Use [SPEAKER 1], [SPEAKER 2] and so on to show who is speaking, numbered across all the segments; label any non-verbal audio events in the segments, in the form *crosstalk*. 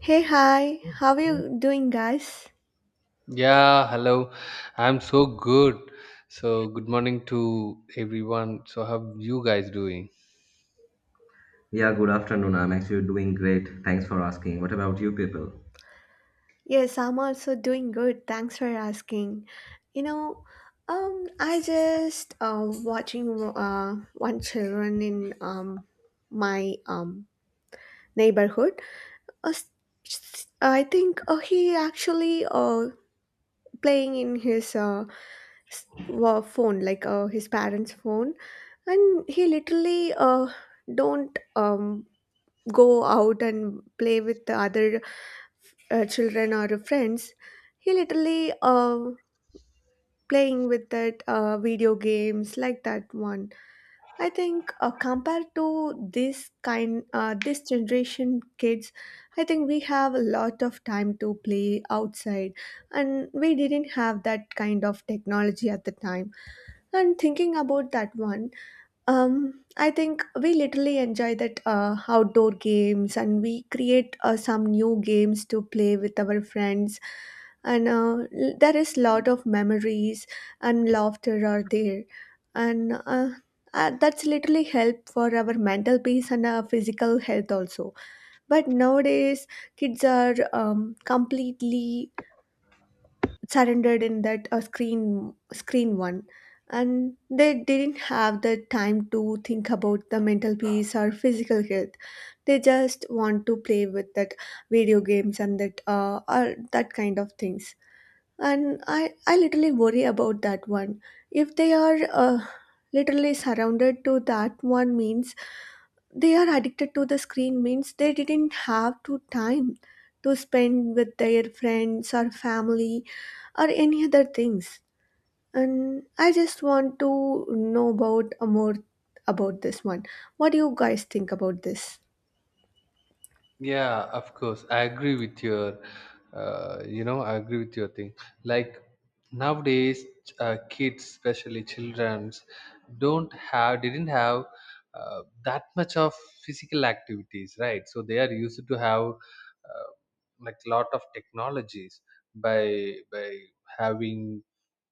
[SPEAKER 1] Hey, hi, how are you doing, guys?
[SPEAKER 2] Yeah, hello. I'm so good. So, good morning to everyone. So, how you guys doing?
[SPEAKER 3] Yeah, good afternoon. I'm actually doing great. Thanks for asking. What about you people?
[SPEAKER 1] Yes, I'm also doing good. Thanks for asking. You know, I just watching one children in my neighborhood. Uh, s- I think he actually playing in his phone, like his parents' phone, and he literally don't go out and play with the other children or friends. He literally playing with that video games like that one. I think compared to this generation kids, I think we have a lot of time to play outside, and we didn't have that kind of technology at the time. And thinking about that one, I think we literally enjoy that outdoor games, and we create some new games to play with our friends. And there is lot of memories and laughter are there. And That's literally help for our mental peace and our physical health also. But nowadays, kids are completely surrendered in that screen one, and they didn't have the time to think about the mental peace or physical health. They just want to play with that video games, and that or that kind of things. And I literally worry about that one. If they are literally surrounded to that one means, they are addicted to the screen means they didn't have to time to spend with their friends or family or any other things. And I just want to know about more about this one. What do you guys think about this?
[SPEAKER 2] Yeah, of course. I agree with your, I agree with your thing. Like nowadays, kids, especially childrens, don't have, didn't have that much of physical activities, right? So they are used to have like lot of technologies by having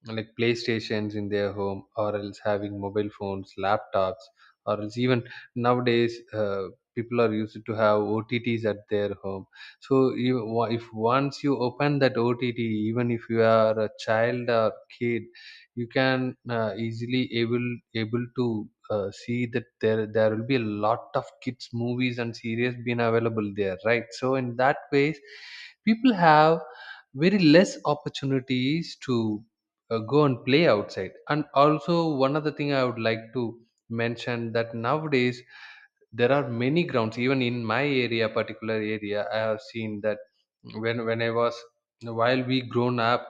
[SPEAKER 2] like playstations in their home or else having mobile phones laptops or else even nowadays people are used to have otts at their home so if once you open that ott even if you are a child or kid you can easily able to see that there will be a lot of kids movies and series being available there, right? So in that ways people have very less opportunities to go and play outside. And also one other thing I would like to mention that nowadays there are many grounds even in my area, particular area, I have seen that when I was, while we grown up,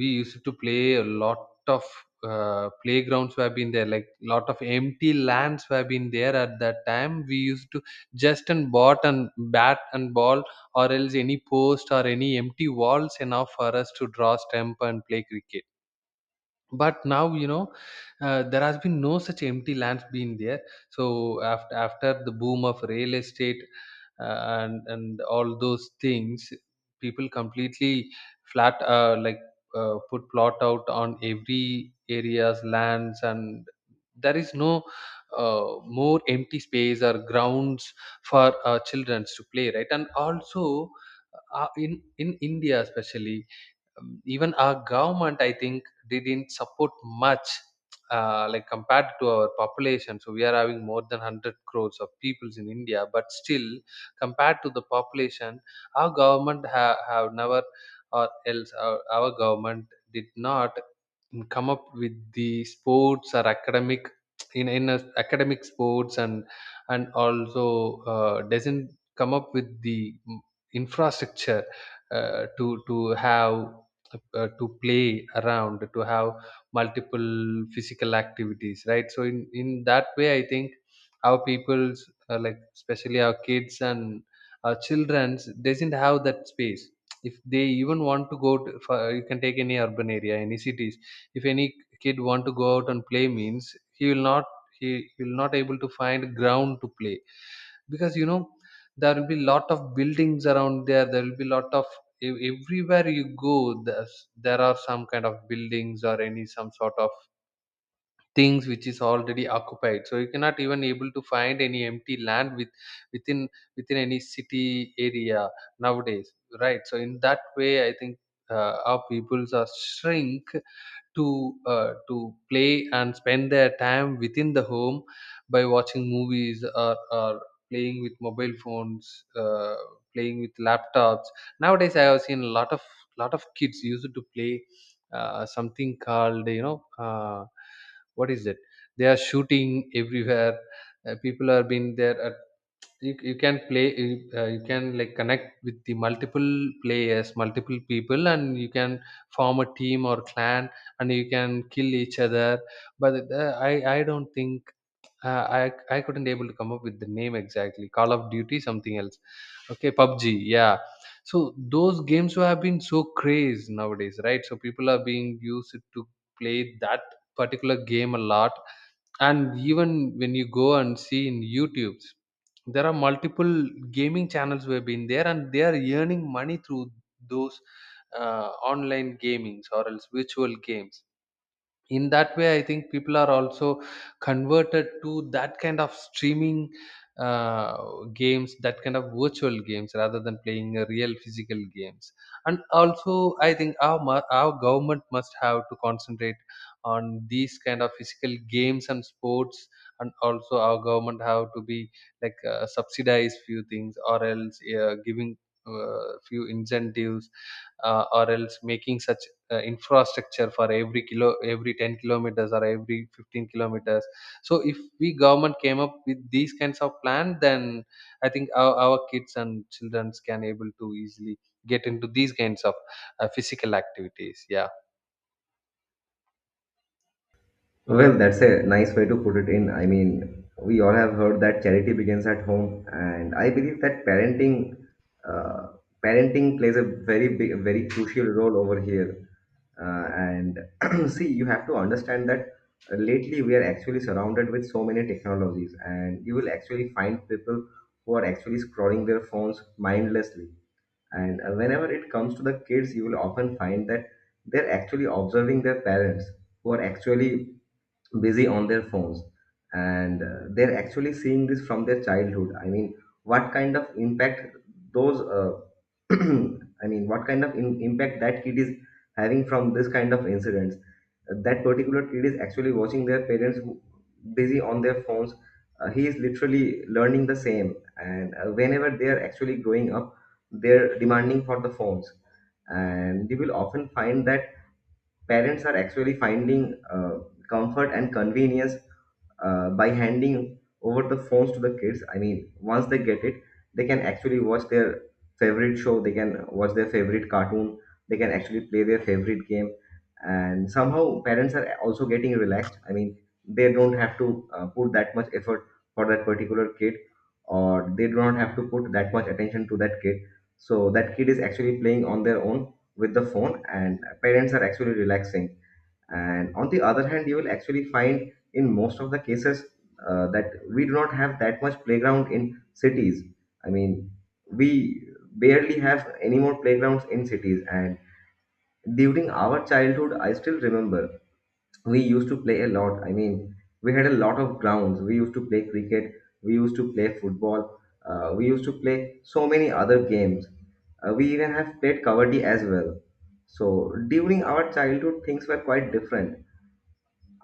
[SPEAKER 2] we used to play a lot of playgrounds were been there, like lot of empty lands were been there at that time. We used to just and bought and bat and ball or else any post or any empty walls enough for us to draw stamp and play cricket. But now, you know, there has been no such empty lands been there. So after the boom of real estate, uh, and all those things, people completely flat like put plot out on every areas lands and there is no more empty space or grounds for children to play, right? And also, in India especially, even our government, I think, didn't support much, like compared to our population. So we are having more than 100 crores of peoples in India, but still compared to the population, our government have never, or else our government did not, come up with the sports or academic, in in a, academic sports, and also, doesn't come up with the infrastructure, uh, to have, to play around, to have multiple physical activities, right? So in that way I think our people's, like especially our kids and our children's, doesn't have that space. If they even want to go to, for, you can take any urban area, any cities, if any kid want to go out and play means he will not, he will not able to find ground to play. Because you know, there will be lot of buildings around there, there will be lot of everywhere you go there are some kind of buildings or any some sort of things which is already occupied. So you cannot even able to find any empty land within within any city area nowadays, right? So in that way I think, our peoples are shrink to play and spend their time within the home by watching movies or playing with mobile phones, playing with laptops. Nowadays I have seen a lot of, lot of kids used to play something called, you know, what is it, they are shooting everywhere, people are being there, you can play you can like connect with the multiple players, multiple people, and you can form a team or clan and you can kill each other. But I don't think, I couldn't able to come up with the name exactly. Call of duty, something else. Okay, PUBG, yeah. So those games who have been so crazed nowadays, right? So people are being used to play that particular game a lot. And even when you go and see in YouTube, there are multiple gaming channels who have been there, and they are earning money through those online gamings or else virtual games. In that way I think people are also converted to that kind of streaming, uh, games, that kind of virtual games rather than playing a real physical games. And also I think our our government must have to concentrate on these kind of physical games and sports. And also our government have to be like, subsidize few things, or else giving few incentives, or else making such infrastructure for every kilo, every 10 kilometers or every 15 kilometers. So if we government came up with these kinds of plan, then I think our kids and children can able to easily get into these kinds of physical activities, yeah.
[SPEAKER 3] Well, that's a nice way to put it in. I mean, we all have heard that charity begins at home, and I believe that parenting, uh, parenting plays a very big, very crucial role over here. And *clears throat* see, you have to understand that lately we are actually surrounded with so many technologies, and you will actually find people who are actually scrolling their phones mindlessly. And whenever it comes to the kids, you will often find that they're actually observing their parents who are actually busy on their phones. And they're actually seeing this from their childhood. I mean, what kind of impact those, uh, *clears throat* I mean, what kind of impact that kid is having from this kind of incidents? That particular kid is actually watching their parents, busy on their phones. He is literally learning the same. And whenever they are actually growing up, they're demanding for the phones. And you will often find that parents are actually finding comfort and convenience by handing over the phones to the kids. I mean, once they get it, they can actually watch their favorite show, they can watch their favorite cartoon, they can actually play their favorite game, and somehow parents are also getting relaxed. I mean, they don't have to put that much effort for that particular kid, or they do not have to put that much attention to that kid. So that kid is actually playing on their own with the phone and parents are actually relaxing. And on the other hand, you will actually find in most of the cases that we do not have that much playground in cities. I mean, we barely have any more playgrounds in cities. And during our childhood, I still remember we used to play a lot. I mean, we had a lot of grounds. We used to play cricket, we used to play football, we used to play so many other games. We even have played kabaddi as well. So during our childhood, things were quite different,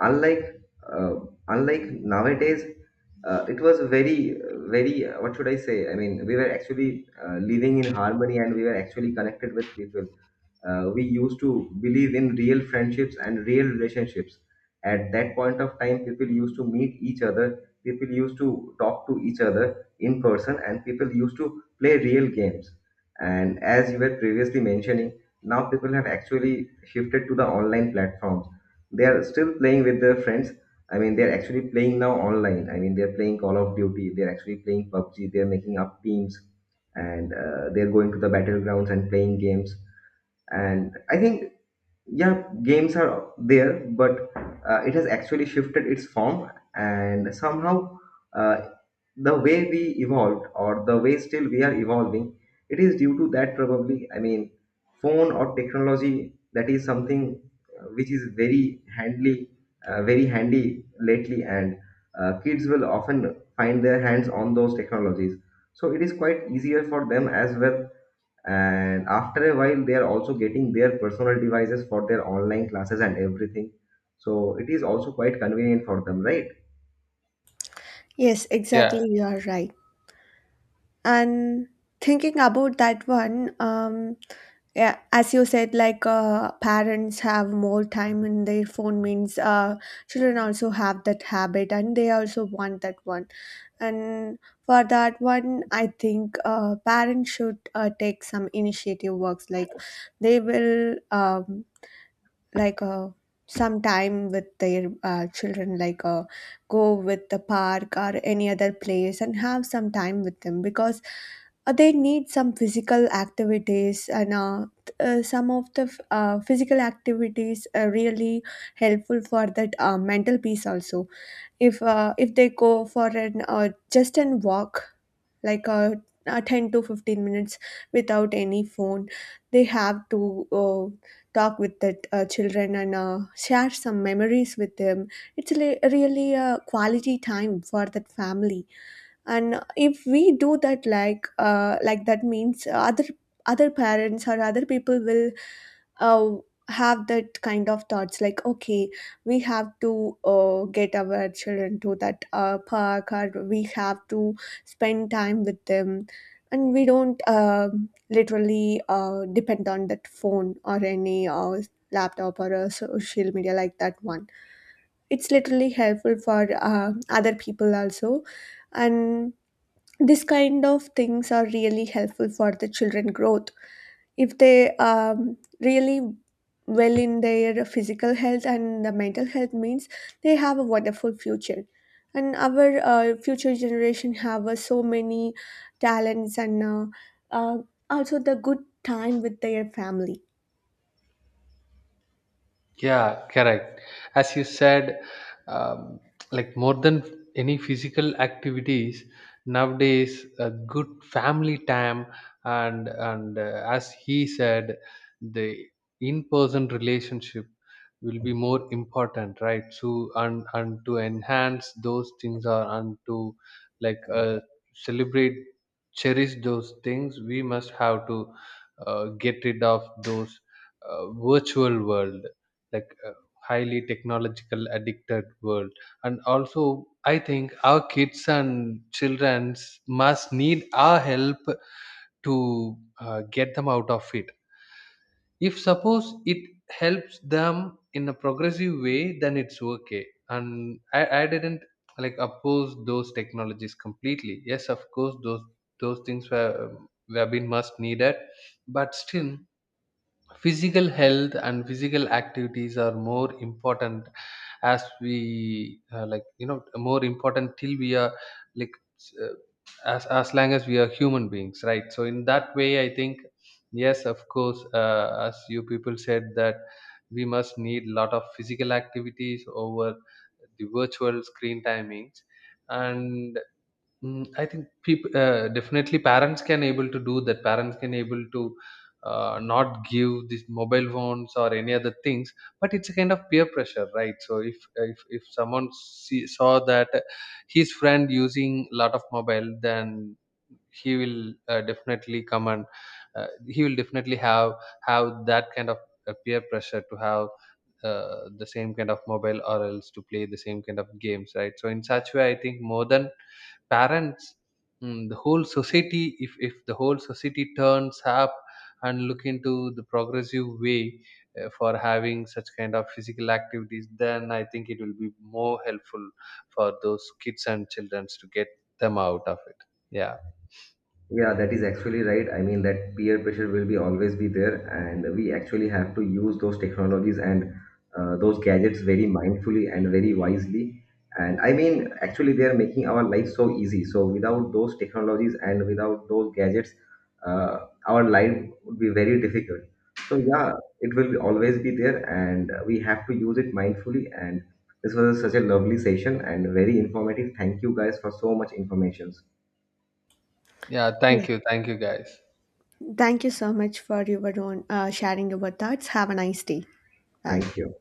[SPEAKER 3] unlike uh, unlike nowadays. It was very, what should I say, I mean, we were actually living in harmony, and we were actually connected with people. We used to believe in real friendships and real relationships. At that point of time, people used to meet each other, people used to talk to each other in person, and people used to play real games. And as you were previously mentioning, now people have actually shifted to the online platforms. They are still playing with their friends. I mean, they're actually playing now online. I mean, they're playing Call of Duty, they're actually playing PUBG, they're making up teams, and they're going to the battlegrounds and playing games. And I think, yeah, games are there, but it has actually shifted its form. And somehow, uh, the way we evolved or the way still we are evolving, it is due to that, probably. I mean, phone or technology, that is something which is very handy, very handy lately. And kids will often find their hands on those technologies, so it is quite easier for them as well. And after a while, they are also getting their personal devices for their online classes and everything, so it is also quite convenient for them, right?
[SPEAKER 1] Yes,
[SPEAKER 2] Yeah.
[SPEAKER 1] exactly, you are right. And thinking about that one, yeah, as you said, like parents have more time in their phone means children also have that habit, and they also want that one. And for that one, I think parents should take some initiative works. Like they will like uh, some time with their children, like go with the park or any other place and have some time with them, because they need some physical activities, and some of the physical activities are really helpful for that mental peace also. If if they go for an just an walk, like a 10 to 15 minutes without any phone, they have to talk with the children and share some memories with them. It's really a quality time for that family. And if we do that, like that means, other parents or other people will uh, have that kind of thoughts, like okay, we have to get our children to that park, or we have to spend time with them. And we don't literally depend on that phone or any laptop or a social media like that one. It's literally helpful for other people also. And this kind of things are really helpful for the children growth. If they really well in their physical health and the mental health means, they have a wonderful future. And our future generation have so many talents, and uh, also the good time with their family.
[SPEAKER 2] Yeah, correct. As you said, um, like more than any physical activities nowadays, a good family time. And as he said, the in-person relationship will be more important, right? So and to enhance those things, or and to like, celebrate, cherish those things, we must have to get rid of those virtual world, like a highly technological addicted world. And also I think our kids and childrens must need our help to get them out of it. If suppose it helps them in a progressive way, then it's okay. And I didn't like oppose those technologies completely. Yes, of course, those things were been must needed. But still, physical health and physical activities are more important. As we, more important till we are, like, s- uh, as long as we are human beings, right? So in that way I think, yes of course, as you people said that we must need a lot of physical activities over the virtual screen timings. And I think people, definitely parents can able to do that. Parents can able to not give these mobile phones or any other things, but it's a kind of peer pressure, right? So if someone saw that his friend using a lot of mobile, then he will definitely come and he will definitely have that kind of peer pressure to have the same kind of mobile, or else to play the same kind of games, right? So in such way I think more than parents, the whole society, if the whole society turns up and look into the progressive way for having such kind of physical activities, then I think it will be more helpful for those kids and children to get them out of it, yeah.
[SPEAKER 3] Yeah, that is actually right. I mean, that peer pressure will be always be there, and we actually have to use those technologies and those gadgets very mindfully and very wisely. And I mean, actually, they are making our life so easy. So without those technologies and without those gadgets, uh, our life would be very difficult. So yeah, it will be always be there, and we have to use it mindfully. And this was such a lovely session and very informative. Thank you guys for so much informations.
[SPEAKER 2] Yeah, thank
[SPEAKER 1] Yes,
[SPEAKER 2] you, thank you guys.
[SPEAKER 1] thank you so much for your own sharing your thoughts. Have a nice day. Bye.
[SPEAKER 3] Thank you.